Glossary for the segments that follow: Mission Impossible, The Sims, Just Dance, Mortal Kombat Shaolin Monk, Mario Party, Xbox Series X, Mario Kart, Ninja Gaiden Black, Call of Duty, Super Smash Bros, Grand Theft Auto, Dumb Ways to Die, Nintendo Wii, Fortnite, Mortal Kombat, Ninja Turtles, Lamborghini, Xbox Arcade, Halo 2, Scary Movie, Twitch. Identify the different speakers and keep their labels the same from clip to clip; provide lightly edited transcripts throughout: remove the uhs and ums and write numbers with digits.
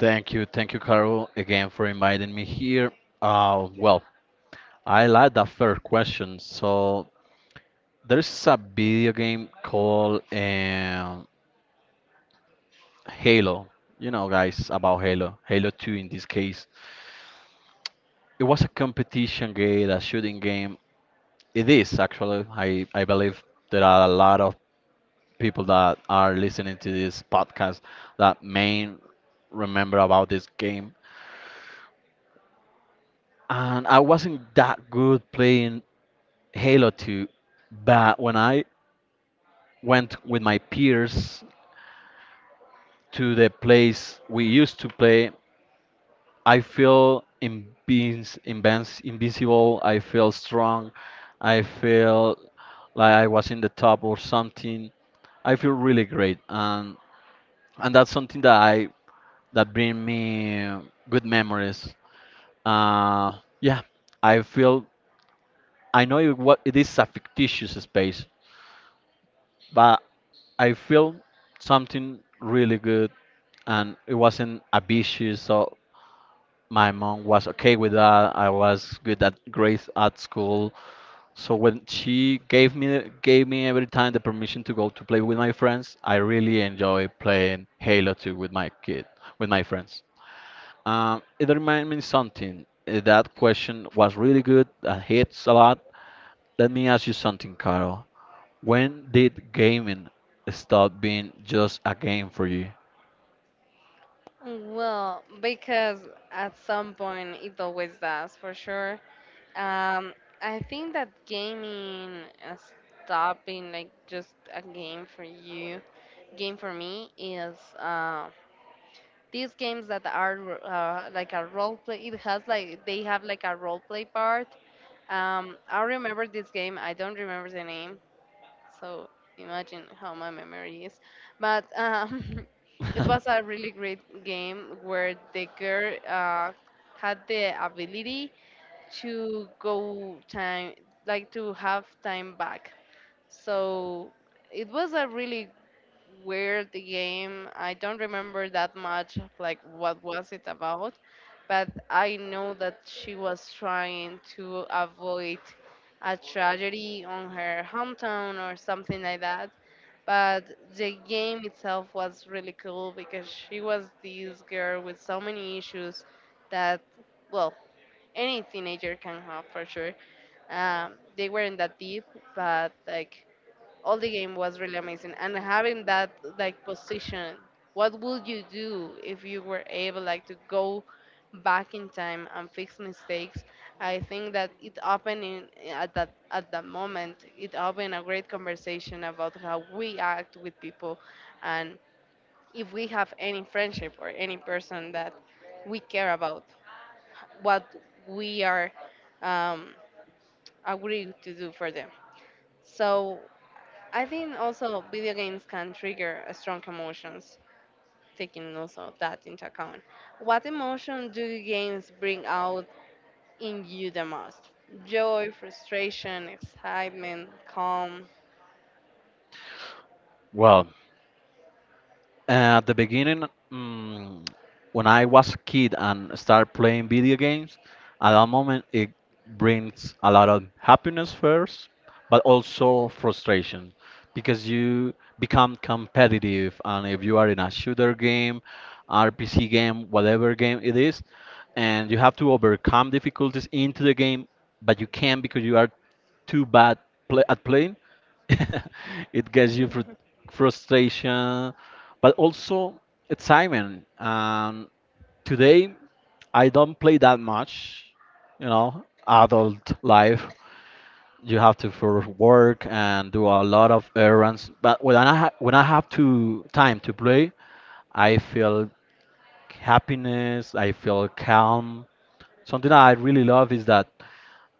Speaker 1: Thank you, Carol, again for inviting me here. Well, I like that first question. So there's a video game called Halo. You know, guys, about Halo, Halo 2 in this case. It was a competition game, a shooting game. It is actually. I believe there are a lot of people that are listening to this podcast that may remember about this game. And I wasn't that good playing Halo 2, but when I went with my peers to the place we used to play, I feel invincible, I feel strong, I feel like I was in the top or something. I feel really great, and that's something that bring me good memories. Uh, yeah, I feel I know it, what it is a fictitious space, but I feel something really good, and it wasn't ambitious. So my mom was okay with that. I was good at grades at school. So when she gave me every time the permission to go to play with my friends, I really enjoy playing Halo 2 with my kid with my friends. It reminded me something. That question was really good. That hits a lot. Let me ask you something, Carol. When did gaming stop being just a game for you?
Speaker 2: Well, because at some point it always does, for sure. Um, I think that gaming stop like just a game for you. Game for me is these games that are like a role play. It has like they have like a role play part. I remember this game. I don't remember the name, so imagine how my memory is. But it was a really great game where the girl had the ability to go time, like to have time back. So it was a really weird game. I don't remember that much of like what was it about, but I know that she was trying to avoid a tragedy on her hometown or something like that. But the game itself was really cool because she was this girl with so many issues that, well, any teenager can have for sure. They weren't that deep, but like all the game was really amazing and having that like position, what would you do if you were able like to go back in time and fix mistakes? I think that it opened at that moment it opened a great conversation about how we act with people and if we have any friendship or any person that we care about what we are um, agreed to do for them. So I think also video games can trigger strong emotions, taking also that into account. What emotion do games bring out in you the most? Joy, frustration, excitement, calm.
Speaker 1: Well, at the beginning, mm, when I was a kid and started playing video games, at that moment it brings a lot of happiness first, but also frustration because you become competitive. And if you are in a shooter game, RPC game, whatever game it is, and you have to overcome difficulties into the game, but you can't because you are too bad pla at playing, it gets you fr frustration but also excitement. Today, I don't play that much, you know, adult life. You have to for work and do a lot of errands. But when I ha when I have to time to play, I feel happiness. I feel calm. Something that I really love is that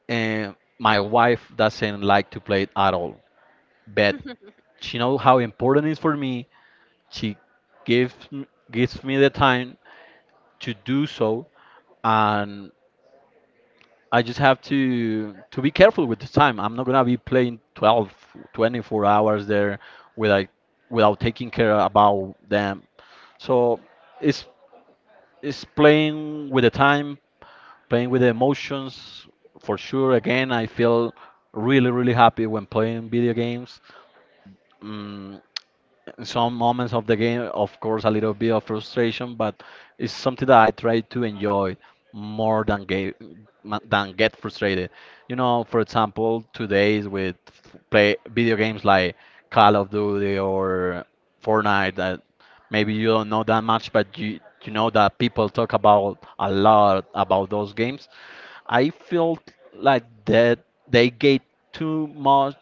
Speaker 1: uh, my wife doesn't like to play it at all, but she knows how important it is for me. She gives me the time to do so, and I just have to be careful with the time. I'm not going to be playing 12, 24 hours there without without taking care about them. So it's it's playing with the time, playing with the emotions. For sure, again, I feel really, really happy when playing video games. Mm, some moments of the game, of course, a little bit of frustration, but it's something that I try to enjoy more than get frustrated. You know, for example, today's with play video games like Call of Duty or Fortnite that maybe you don't know that much, but you know that people talk about a lot about those games. I feel like that they get too much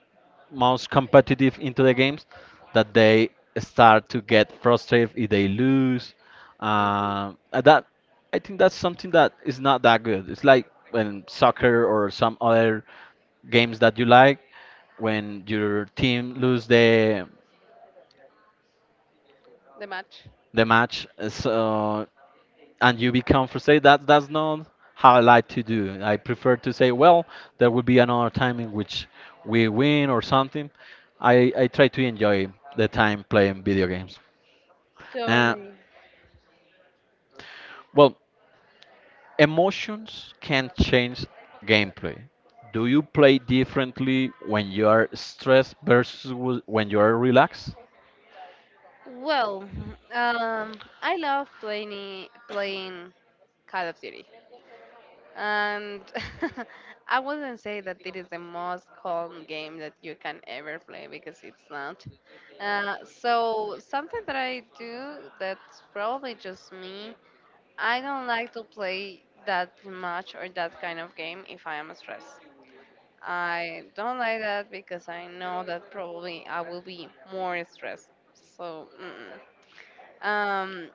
Speaker 1: most competitive into the games that they start to get frustrated if they lose.
Speaker 2: Mhm.
Speaker 1: And that I think that's something that is not that good. It's like when soccer or some other games that you like, when your team lose the
Speaker 2: The match.
Speaker 1: the match, so and you become frustrated. That's not how I like to do. I prefer to say, well, there will be another time in which we win or something. I try to enjoy the time playing video games. Uh,
Speaker 2: Sorry.
Speaker 1: well. Emotions can change gameplay. Do you play differently when you are stressed versus when you are relaxed?
Speaker 2: Well, I love playing Call of Duty. And I wouldn't say that it is the most calm game that you can ever play because it's not. So something that I do that's probably just me. I don't like to play that much or that kind of game if I am stressed. I don't like that because I know that probably I will be more stressed. So, mm-mm. um,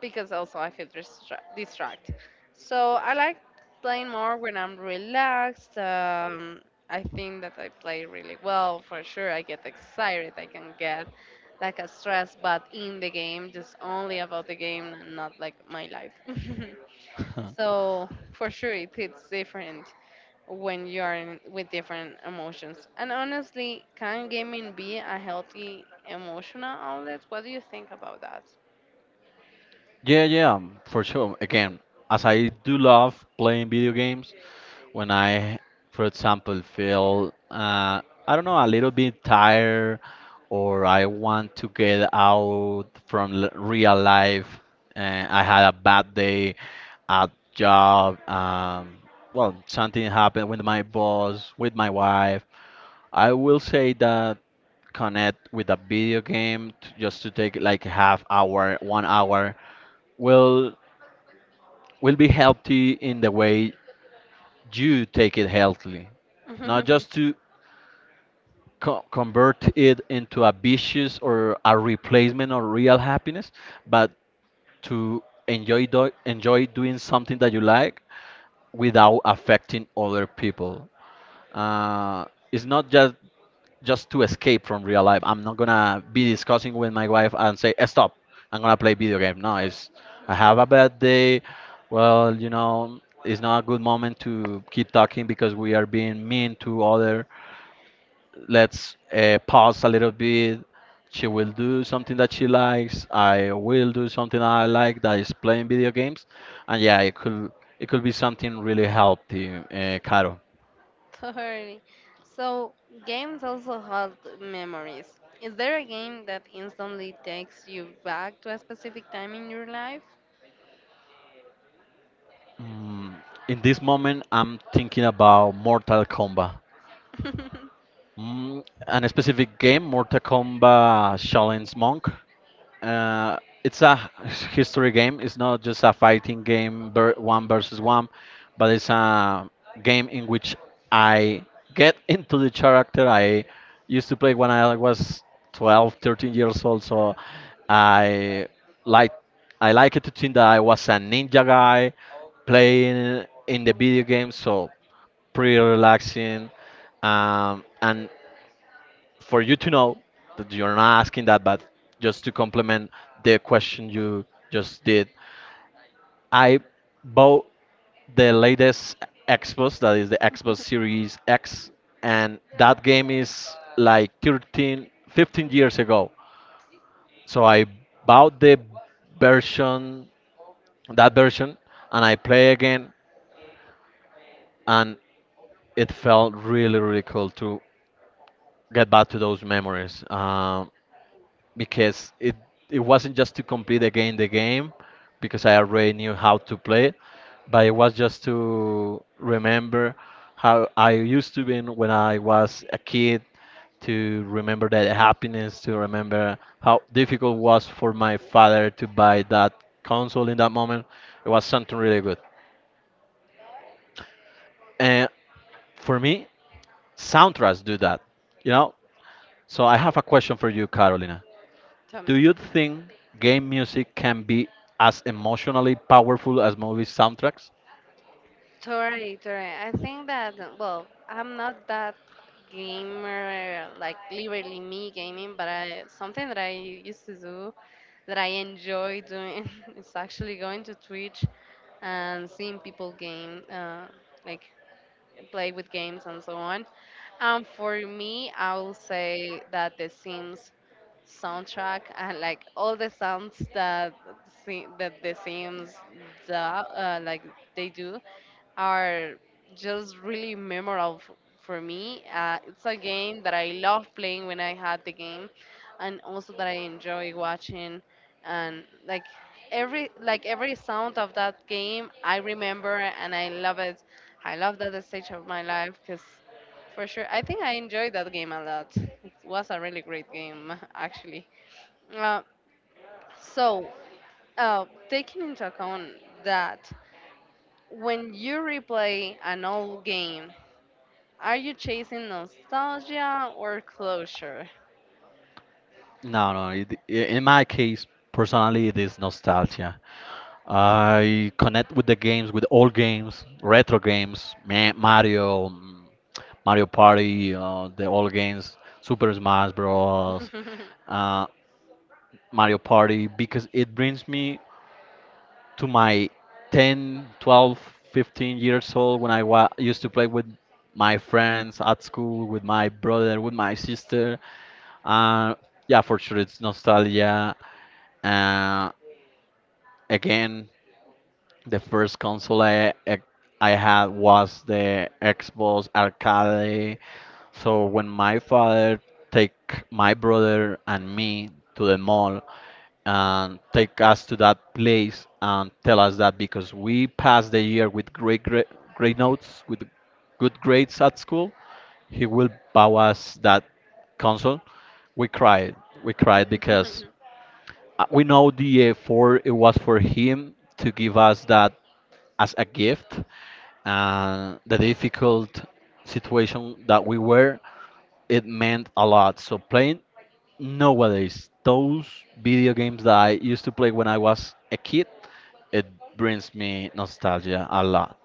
Speaker 2: because also I feel distract. So I like playing more when I'm relaxed. I think that I play really well for sure. I get excited. I can get like a stress, but in the game, just only about the game, and not like my life.
Speaker 1: Huh.
Speaker 2: So for sure, it hits different when you are in, with different emotions. And honestly, can gaming be a healthy emotional outlet? What do you think about that?
Speaker 1: Yeah, yeah, for sure. Again, as I do love playing video games, when I, for example, feel, I don't know, a little bit tired or I want to get out from real life, and I had a bad day at job. Well, something happened with my boss, with my wife. I will say that connect with a video game just to take like half hour, 1 hour will will be healthy in the way you take it healthily, not just to convert it into a vicious or a replacement of real happiness, but to enjoy enjoy doing something that you like without affecting other people. Uh, it's not just to escape from real life. I'm not gonna be discussing with my wife and say, "Eh, Stop! I'm gonna play video game." No, it's I have a
Speaker 2: Mhm,
Speaker 1: bad day. Well, it's not a good moment to keep talking because we are being mean to other. Let's pause a little bit. She will do something that she likes. I will do something that I like that is playing video games, and yeah, it could be something really healthy, Caro.
Speaker 2: totally. So, games also hold memories. Is there a game that instantly takes you back to a specific time in your life?
Speaker 1: Mm, in this moment, I'm thinking about Mortal Kombat. And a specific game, Mortal Kombat Shaolin Monk. Uh, it's a history game. It's not just a fighting game, one versus one, but it's a game in which I get into the character. I used to play when I was 12, 13 years old, so I like I like it to think that I was a ninja guy playing in the video game. So pretty relaxing. And for you to know that you're not asking that, but just to complement the question you just did, I bought the latest Xbox, that is the Xbox Series X, and that game is like 13, 15 years ago. So I bought the version, that version, and I play again, and it felt really, really cool to get back to those memories. Because it wasn't just to complete again the game because I already knew how to play it, but it was just to remember how I used to be when I was a kid, to remember that happiness, to remember how difficult it was for my father to buy that console in that moment. It was something really good, and for me, soundtracks do that you know so I have a question for you, Carolina.
Speaker 2: Tell
Speaker 1: Do
Speaker 2: me.
Speaker 1: you think game music can be as emotionally powerful as movie soundtracks?
Speaker 2: Totally, totally. I think that, well, I'm not that gamer, like literally me gaming, but I, something that I used to do that I enjoy doing is actually going to Twitch and seeing people game, like play with games and so on. And for me, I will say that The Sims soundtrack and like all the sounds that that The Sims do, like they do, are just really memorable for me. It's a game that I love playing when I had the game, and also that I enjoy watching. And like every sound of that game, I remember and I love it. I love that stage of my life because, for sure, I think I enjoyed that game a lot. It was a really great game, actually. Uh, so, taking into account that when you replay an old game, are you chasing nostalgia or closure?
Speaker 1: No, no. In my case, personally, it is nostalgia. I connect with the games, with old games, retro games, Mario, Mario Party, the old games, Super Smash Bros, uh, Mario Party, because it brings me to my 10, 12, 15 years old when I used to play with my friends at school, with my brother, with my sister. Uh, yeah, for sure, it's nostalgia. Uh, Again, the first console I had was the Xbox Arcade. So when my father take my brother and me to the mall and take us to that place and tell us that because we passed the year with great great, great notes, with good grades at school, he will bow us that console. We cried. We cried because we know the effort it was for him to give us that as a gift, and the difficult situation that we were, it meant a lot. So playing nowadays those video games that I used to play when I was a kid, it brings me nostalgia a lot.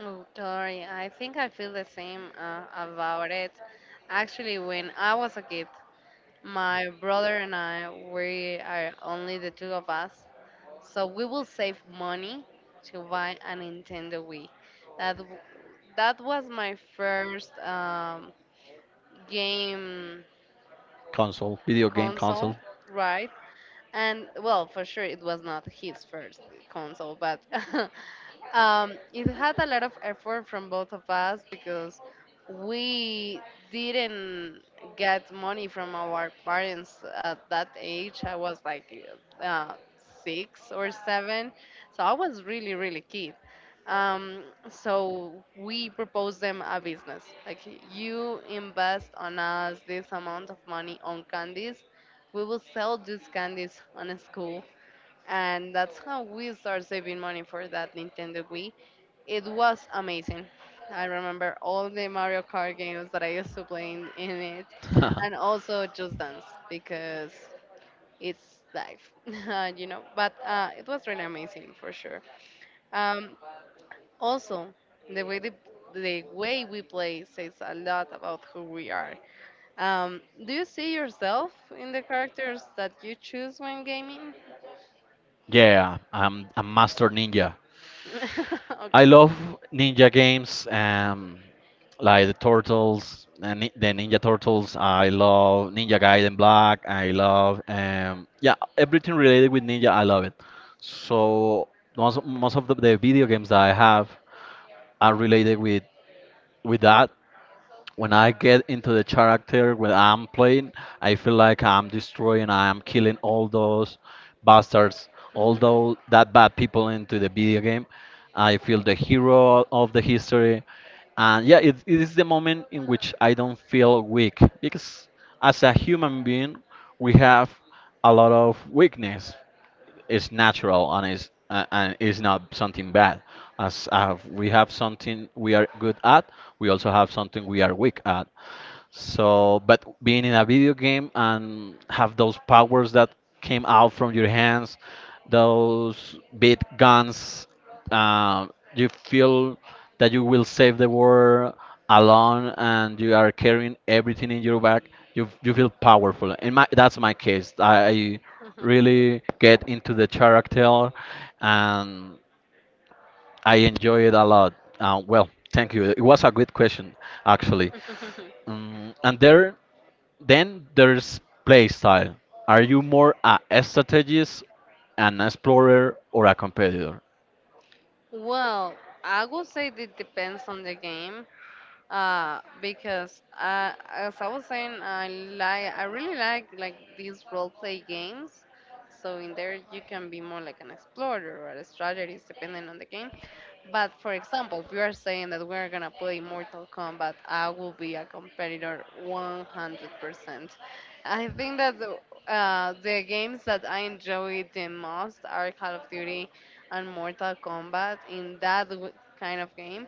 Speaker 2: Oh, Tori, I think I feel the same about it. Actually, when I was a kid, my brother and I, we are only the two of us. So we will save money to buy a Nintendo Wii. That w- that was my first game
Speaker 1: Console, video game
Speaker 2: console,
Speaker 1: console.
Speaker 2: right? And well, for sure, it was not his first console, but It had a lot of effort from both of us because we didn't get money from our parents at that age. I was like uh, six or seven, so I was really, really kid. Um, so we proposed them a business like you invest on us this amount of money on candies. We will sell these candies on a school, and that's how we start saving money for that Nintendo Wii. It was amazing. I remember all the Mario Kart games that I used to play in it, and also Just Dance because it's life, you know. But it was really amazing for sure. Um, also, the way the way we play says a lot about who we are. Um, do you see yourself in the characters that you choose when gaming?
Speaker 1: Yeah, I'm a master ninja. I
Speaker 2: Okay.
Speaker 1: love ninja games, like the Turtles, the Ninja Turtles. I love Ninja Gaiden Black. I love, yeah, everything related with ninja. I love it. So most of the video games that I have are related with that. When I get into the character when I'm playing, I feel like I'm destroying, I am killing all those bastards, all those that bad people into the video game. I feel the hero of the history, and yeah, it is the moment in which I don't feel weak because as a human being, we have a lot of weakness is natural and is and is not something bad. As we have something we are good at, we also have something we are weak at. So, but being in a video game and have those powers that came out from your hands, those big guns, uh, you feel that you will save the world alone, and you are carrying everything in your back. You feel powerful. In my That's my case. I really get into the character, and I enjoy it a lot. Well, thank you. It was a good question, actually. Um, and there, then there's play style. Are you more a strategist, an explorer, or a competitor?
Speaker 2: Well, I would say that depends on the game because as I was saying, I really like these role play games, so in there you can be more like an explorer or a strategist depending on the game, but for example, if you are saying that we're gonna play Mortal Kombat, I will be a competitor 100%. I think that the games that I enjoy the most are Call of Duty and Mortal Kombat in that kind of game.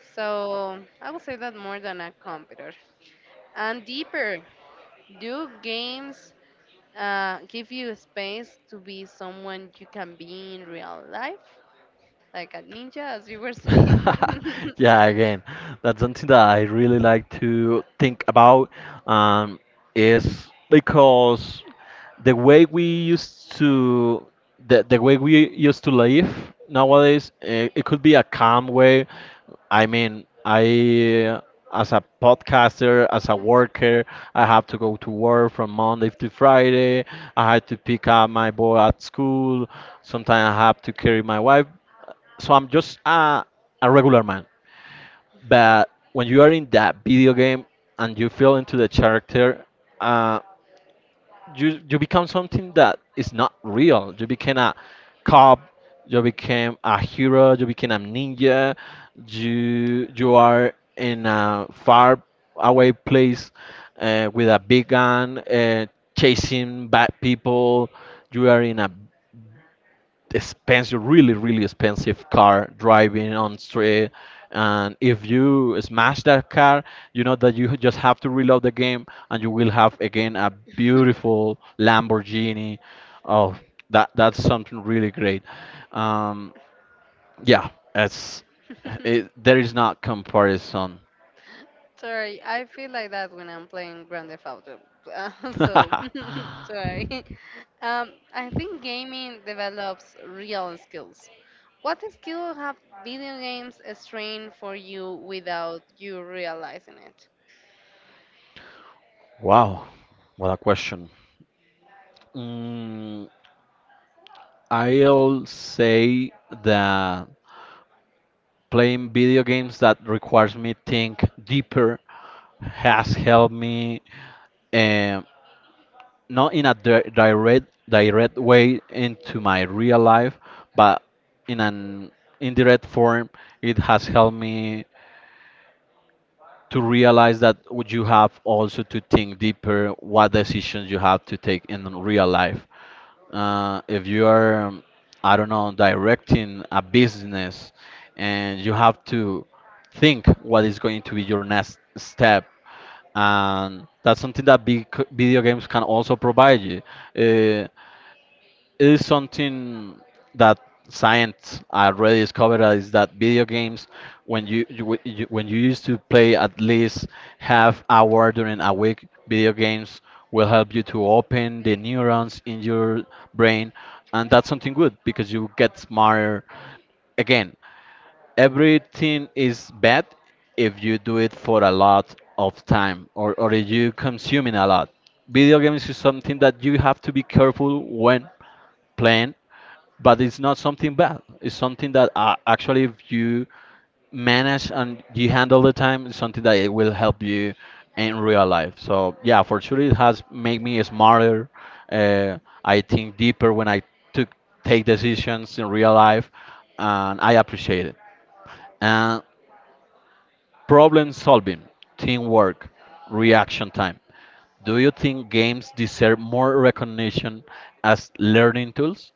Speaker 2: So I would say that more than a computer. And deeper, do games give you space to be someone you can be in real life? Like a ninja, as you were saying.
Speaker 1: Yeah, again, that's something that I really like to think about, um, is because the way we used to the way we used to live nowadays, it could be a calm way. I mean, I as a podcaster, as a worker, I have to go to work from Monday to Friday. I had to pick up my boy at school. Sometimes I have to carry my wife, so I'm just a regular man. But when you are in that video game and you feel into the character, uh, you become something that is not real. You became a cop. You became a hero. You became a ninja. You are in a far away place, with a big gun, chasing bad people. You are in a expensive, really, really expensive car driving on street. And if you smash that car, you know that you just have to reload the game, and you will have again a beautiful Lamborghini. Oh, that's something really great. Um, yeah, it's there is not comparison.
Speaker 2: Sorry, I feel like that when I'm playing Grand Theft Auto. So, sorry. I think gaming develops real skills. What skill have video games strained for you without you realizing?
Speaker 1: Wow, what a question. Mm, I'll say that. Playing video games that requires me think deeper has helped me, um, not in a direct way into my real life, but in an indirect form. It has helped me to realize that would you have also to think deeper what decisions you have to take in real life. If you are, I don't know, directing a business and you have to think what is going to be your next step. And that's something that big video games can also provide you. Uh, is something that science already discovered, is that video games, when you when you used to play at least half hour during a week video games, will help you to open the neurons in your brain. And that's something good because you get smarter. Again, everything is bad if you do it for a lot of time, or if you consuming a lot. Video games is something that you have to be careful when plan, but it's not something bad. It's something that, actually, if you manage and you handle the time, it's something that it will help you in real life. So yeah, for sure, it has made me smarter. Uh, I think deeper when I took take decisions in real life, and I appreciate it. And problem solving, teamwork, reaction time. Do you think games deserve more recognition as learning tools?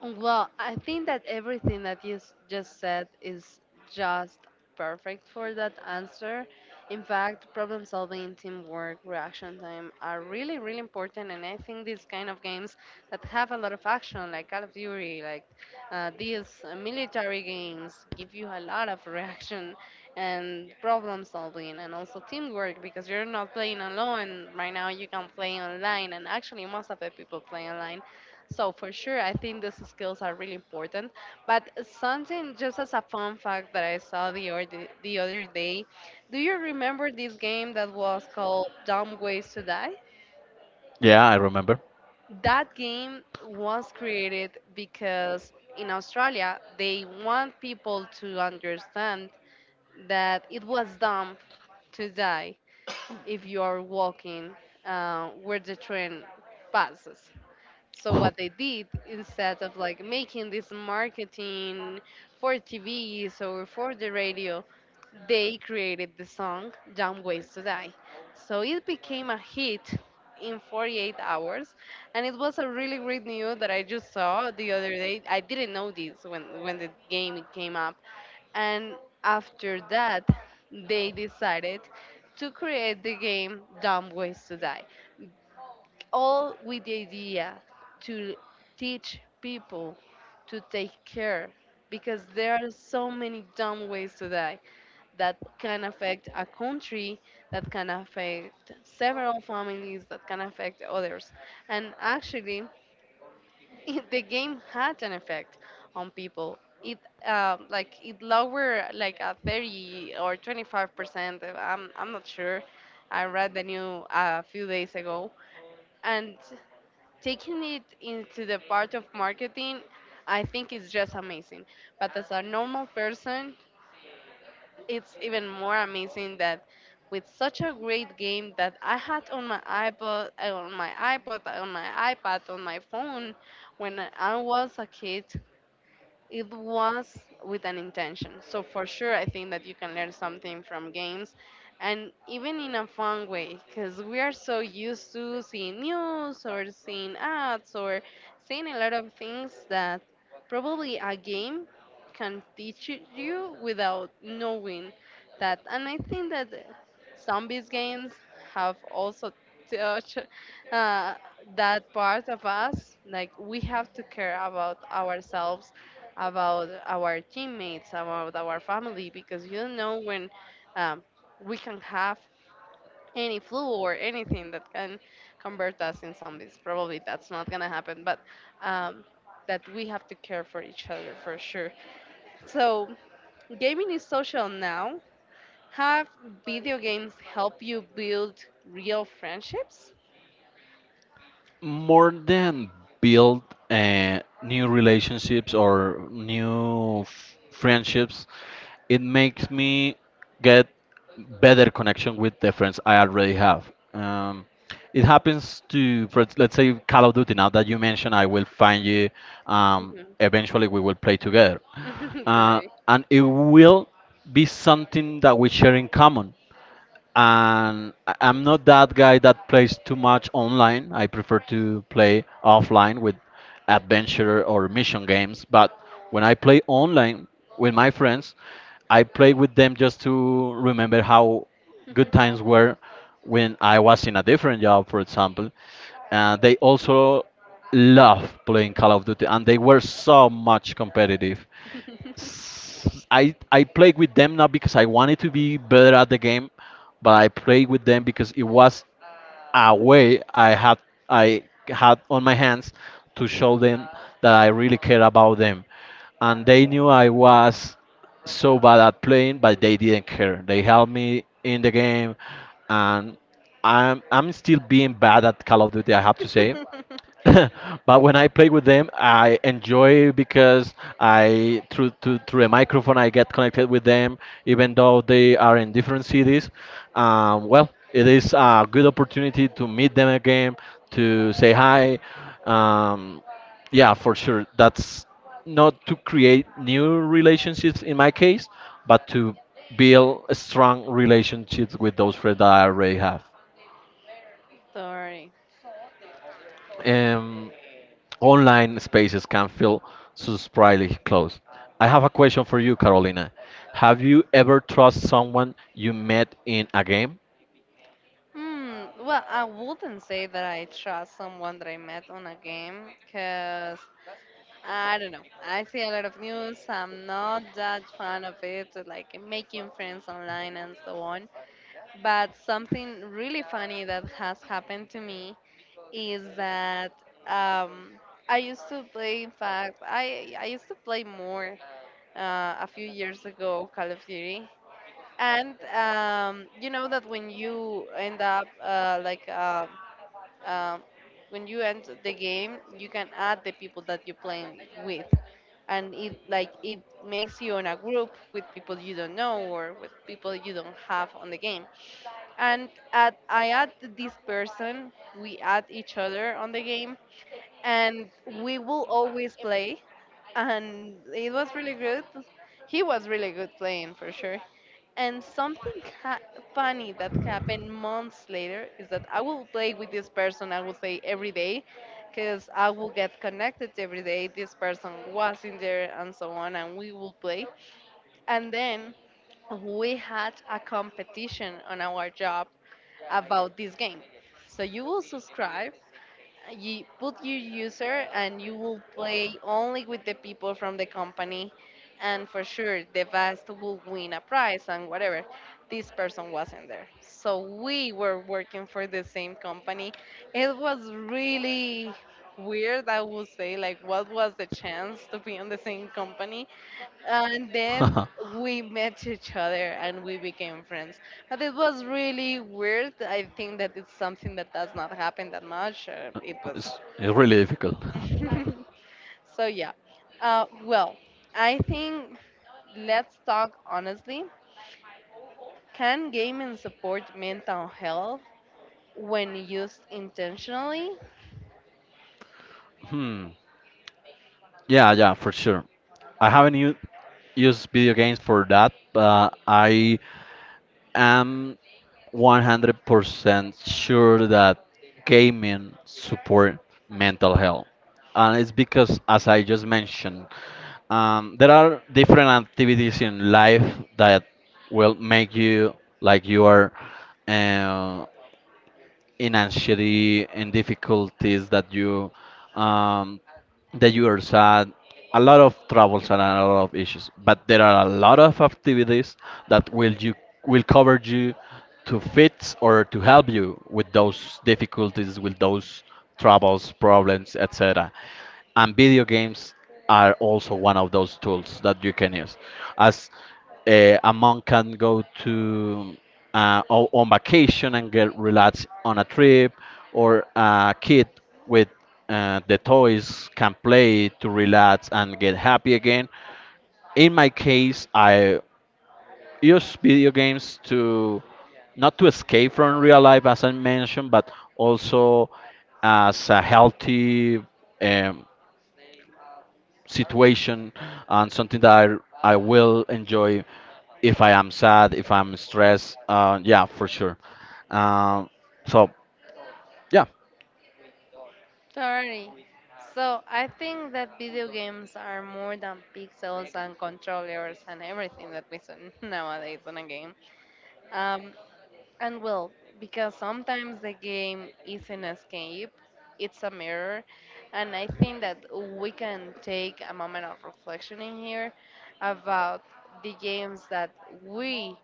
Speaker 2: Well, I think that everything that you just said is just perfect for that answer. In fact, problem solving, teamwork, reaction time are really, really important. And I think these kind of games that have a lot of action, like Call of Duty, like these military games, give you a lot of reaction and problem solving and also teamwork because you're not playing alone. Right now, you can play online, and actually, most of the people play online. So for sure, I think those skills are really important. But something just as a fun fact that I saw the or the other day, do you remember this game that was called Dumb Ways to Die?
Speaker 1: Yeah, I remember.
Speaker 2: That game was created because in Australia they want people to understand that it was dumb to die if you are walking where the train passes. So
Speaker 1: Oh,
Speaker 2: what they did instead of like making this marketing for TVs or for the radio, they created the song "Dumb Ways to Die." So it became a hit in 48 hours, and it was a really great news that I just saw the other day. I didn't know this when the game came up. And after that, they decided to create the game Dumb Ways to Die all with the idea to teach people to take care because there are so many dumb ways to die that can affect a country, that can affect several families, that can affect others. And actually, it, the game had an effect on people. It like it lowered like a 30 or 25%, I'm not sure, I read the news a few days ago. And taking it into the part of marketing, I think it's just amazing. But as a normal person, it's even more amazing that with such a great game that I had on my iPod, on my iPad, on my phone when I was a kid, it was with an intention. So for sure, I think that you can learn something from games, and even in a fun way, because we are so used to seeing news or seeing ads or seeing a lot of things that probably a game can teach it you without knowing that. And I think that zombies games have also touched uh, that part of us. Like we have to care about ourselves, about our teammates, about our family, because you don't know when um, we can have any flu or anything that can convert us in zombies. Probably that's not gonna happen, but um, that we have to care for each other for sure. So, gaming is social now. Have video games help you build real friendships?
Speaker 1: more than build, new relationships or new friendships, it makes me get better connection with the friends I already have. It happens to for, let's say Call of Duty. Now that you mentioned, I will find you. um,
Speaker 2: Mhm.
Speaker 1: eventually we will play together.
Speaker 2: Don't
Speaker 1: uh,
Speaker 2: worry.
Speaker 1: and it will be something that we share in common. And I'm not that guy that plays too much online. I prefer to play offline with adventure or mission games. But when I play online with my friends, I play with them just to remember how good times were when I was in a different job, for example. They also love playing Call of Duty, and they were so much competitive. I play with them not because I wanted to be better at the game, but I play with them because it was a way I had on my hands to show them that I really care about them, and they knew I was so bad at playing, but they didn't care. They helped me in the game, and I'm still being bad at Call of Duty. I have to say, but when I play with them, I enjoy because I through a microphone I get connected with them, even though they are in different cities. Well, it is a good opportunity to meet them again, to say hi. Um, yeah, for sure. That's not to create new relationships in my case, but to build strong relationships with those friends that I already have.
Speaker 2: Sorry.
Speaker 1: Um, online spaces can feel surprisingly close. I have a question for you, Carolina. Have you ever trust someone you met in a game?
Speaker 2: Hmm. Well, I wouldn't say that I trust someone that I met on a game because I don't know. I see a lot of news. I'm not that fan of it, like making friends online and so on. But something really funny that has happened to me is that um, I used to play. In fact, I used to play more a few years ago Call of Duty. And you know that when you end up um, when you end the game, you can add the people that you're playing with, and it like it makes you in a group with people you don't know or with people you don't have on the game. And at I add this person, we add each other on the game, and we will always play, and it was really good. He was really good playing for sure. And something ha- funny that happened months later is that I will play with this person, I will say every day, because I will get connected every day, this person was in there, and so on, and we will play. And then we had a competition on our job about this game. So you will subscribe, you put your user, and you will play only with the people from the company, and for sure the best will win a prize and whatever. This person wasn't there, so we were working for the same company. It was really weird, I would say, like what was the chance to be on the same company? And then we met each other and we became friends. But it was really weird. I think that it's something that does not happen that much. It was
Speaker 1: It's really difficult.
Speaker 2: so yeah. Well, I think let's talk honestly, can gaming support mental health when used intentionally?
Speaker 1: Hmm. Yeah, yeah, for sure. I haven't used video games for that, but I am 100% sure that gaming support mental health. And it's because, as I just mentioned, there are different activities in life that will make you like you are, uh, in anxiety and difficulties that you, um, that you are sad, a lot of troubles and a lot of issues. But there are a lot of activities that will you will cover you to fit or to help you with those difficulties, with those troubles, problems, etc. And video games are also one of those tools that you can use, as a monk can go to, on vacation and get relaxed on a trip, or a kid with, the toys can play to relax and get happy again. In my case, I use video games to not to escape from real life, as I mentioned, but also as a healthy, um, situation, and something that I will enjoy if I am sad, if I'm stressed. Yeah, for sure. Um, so, yeah.
Speaker 2: Totally. So I think that video games are more than pixels and controllers and everything that we see nowadays in a game. Um, and well, because sometimes the game is an escape, it's a mirror, and I think that we can take a moment of reflection in here about the games that we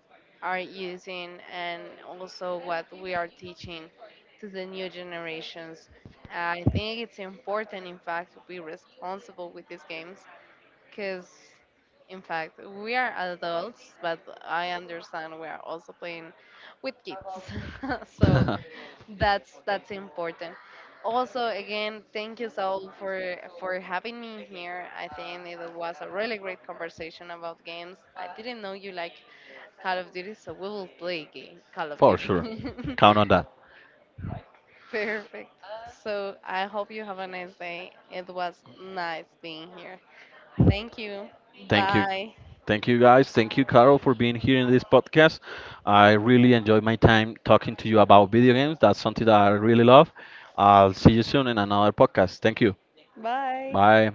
Speaker 2: are using, and also what we are teaching to the new generations. I think it's important, in fact, to be responsible with these games because in fact we are adults, but I understand we are also playing with kids. So that's important. Also, again, thank you, Saul, for having me here. I think it was a really great conversation about games. I didn't know you like Call of Duty, so we will play game Call of
Speaker 1: For
Speaker 2: Duty.
Speaker 1: sure. Count on that.
Speaker 2: Perfect. So I hope you have a nice day. It was nice being here. Thank you.
Speaker 1: Thank you.
Speaker 2: Bye.
Speaker 1: Thank you guys. Thank you, Carol, for being here in this podcast. I really enjoyed my time talking to you about video games. That's something that I really love. I'll see you soon in another podcast. Thank you.
Speaker 2: Bye.
Speaker 1: Bye.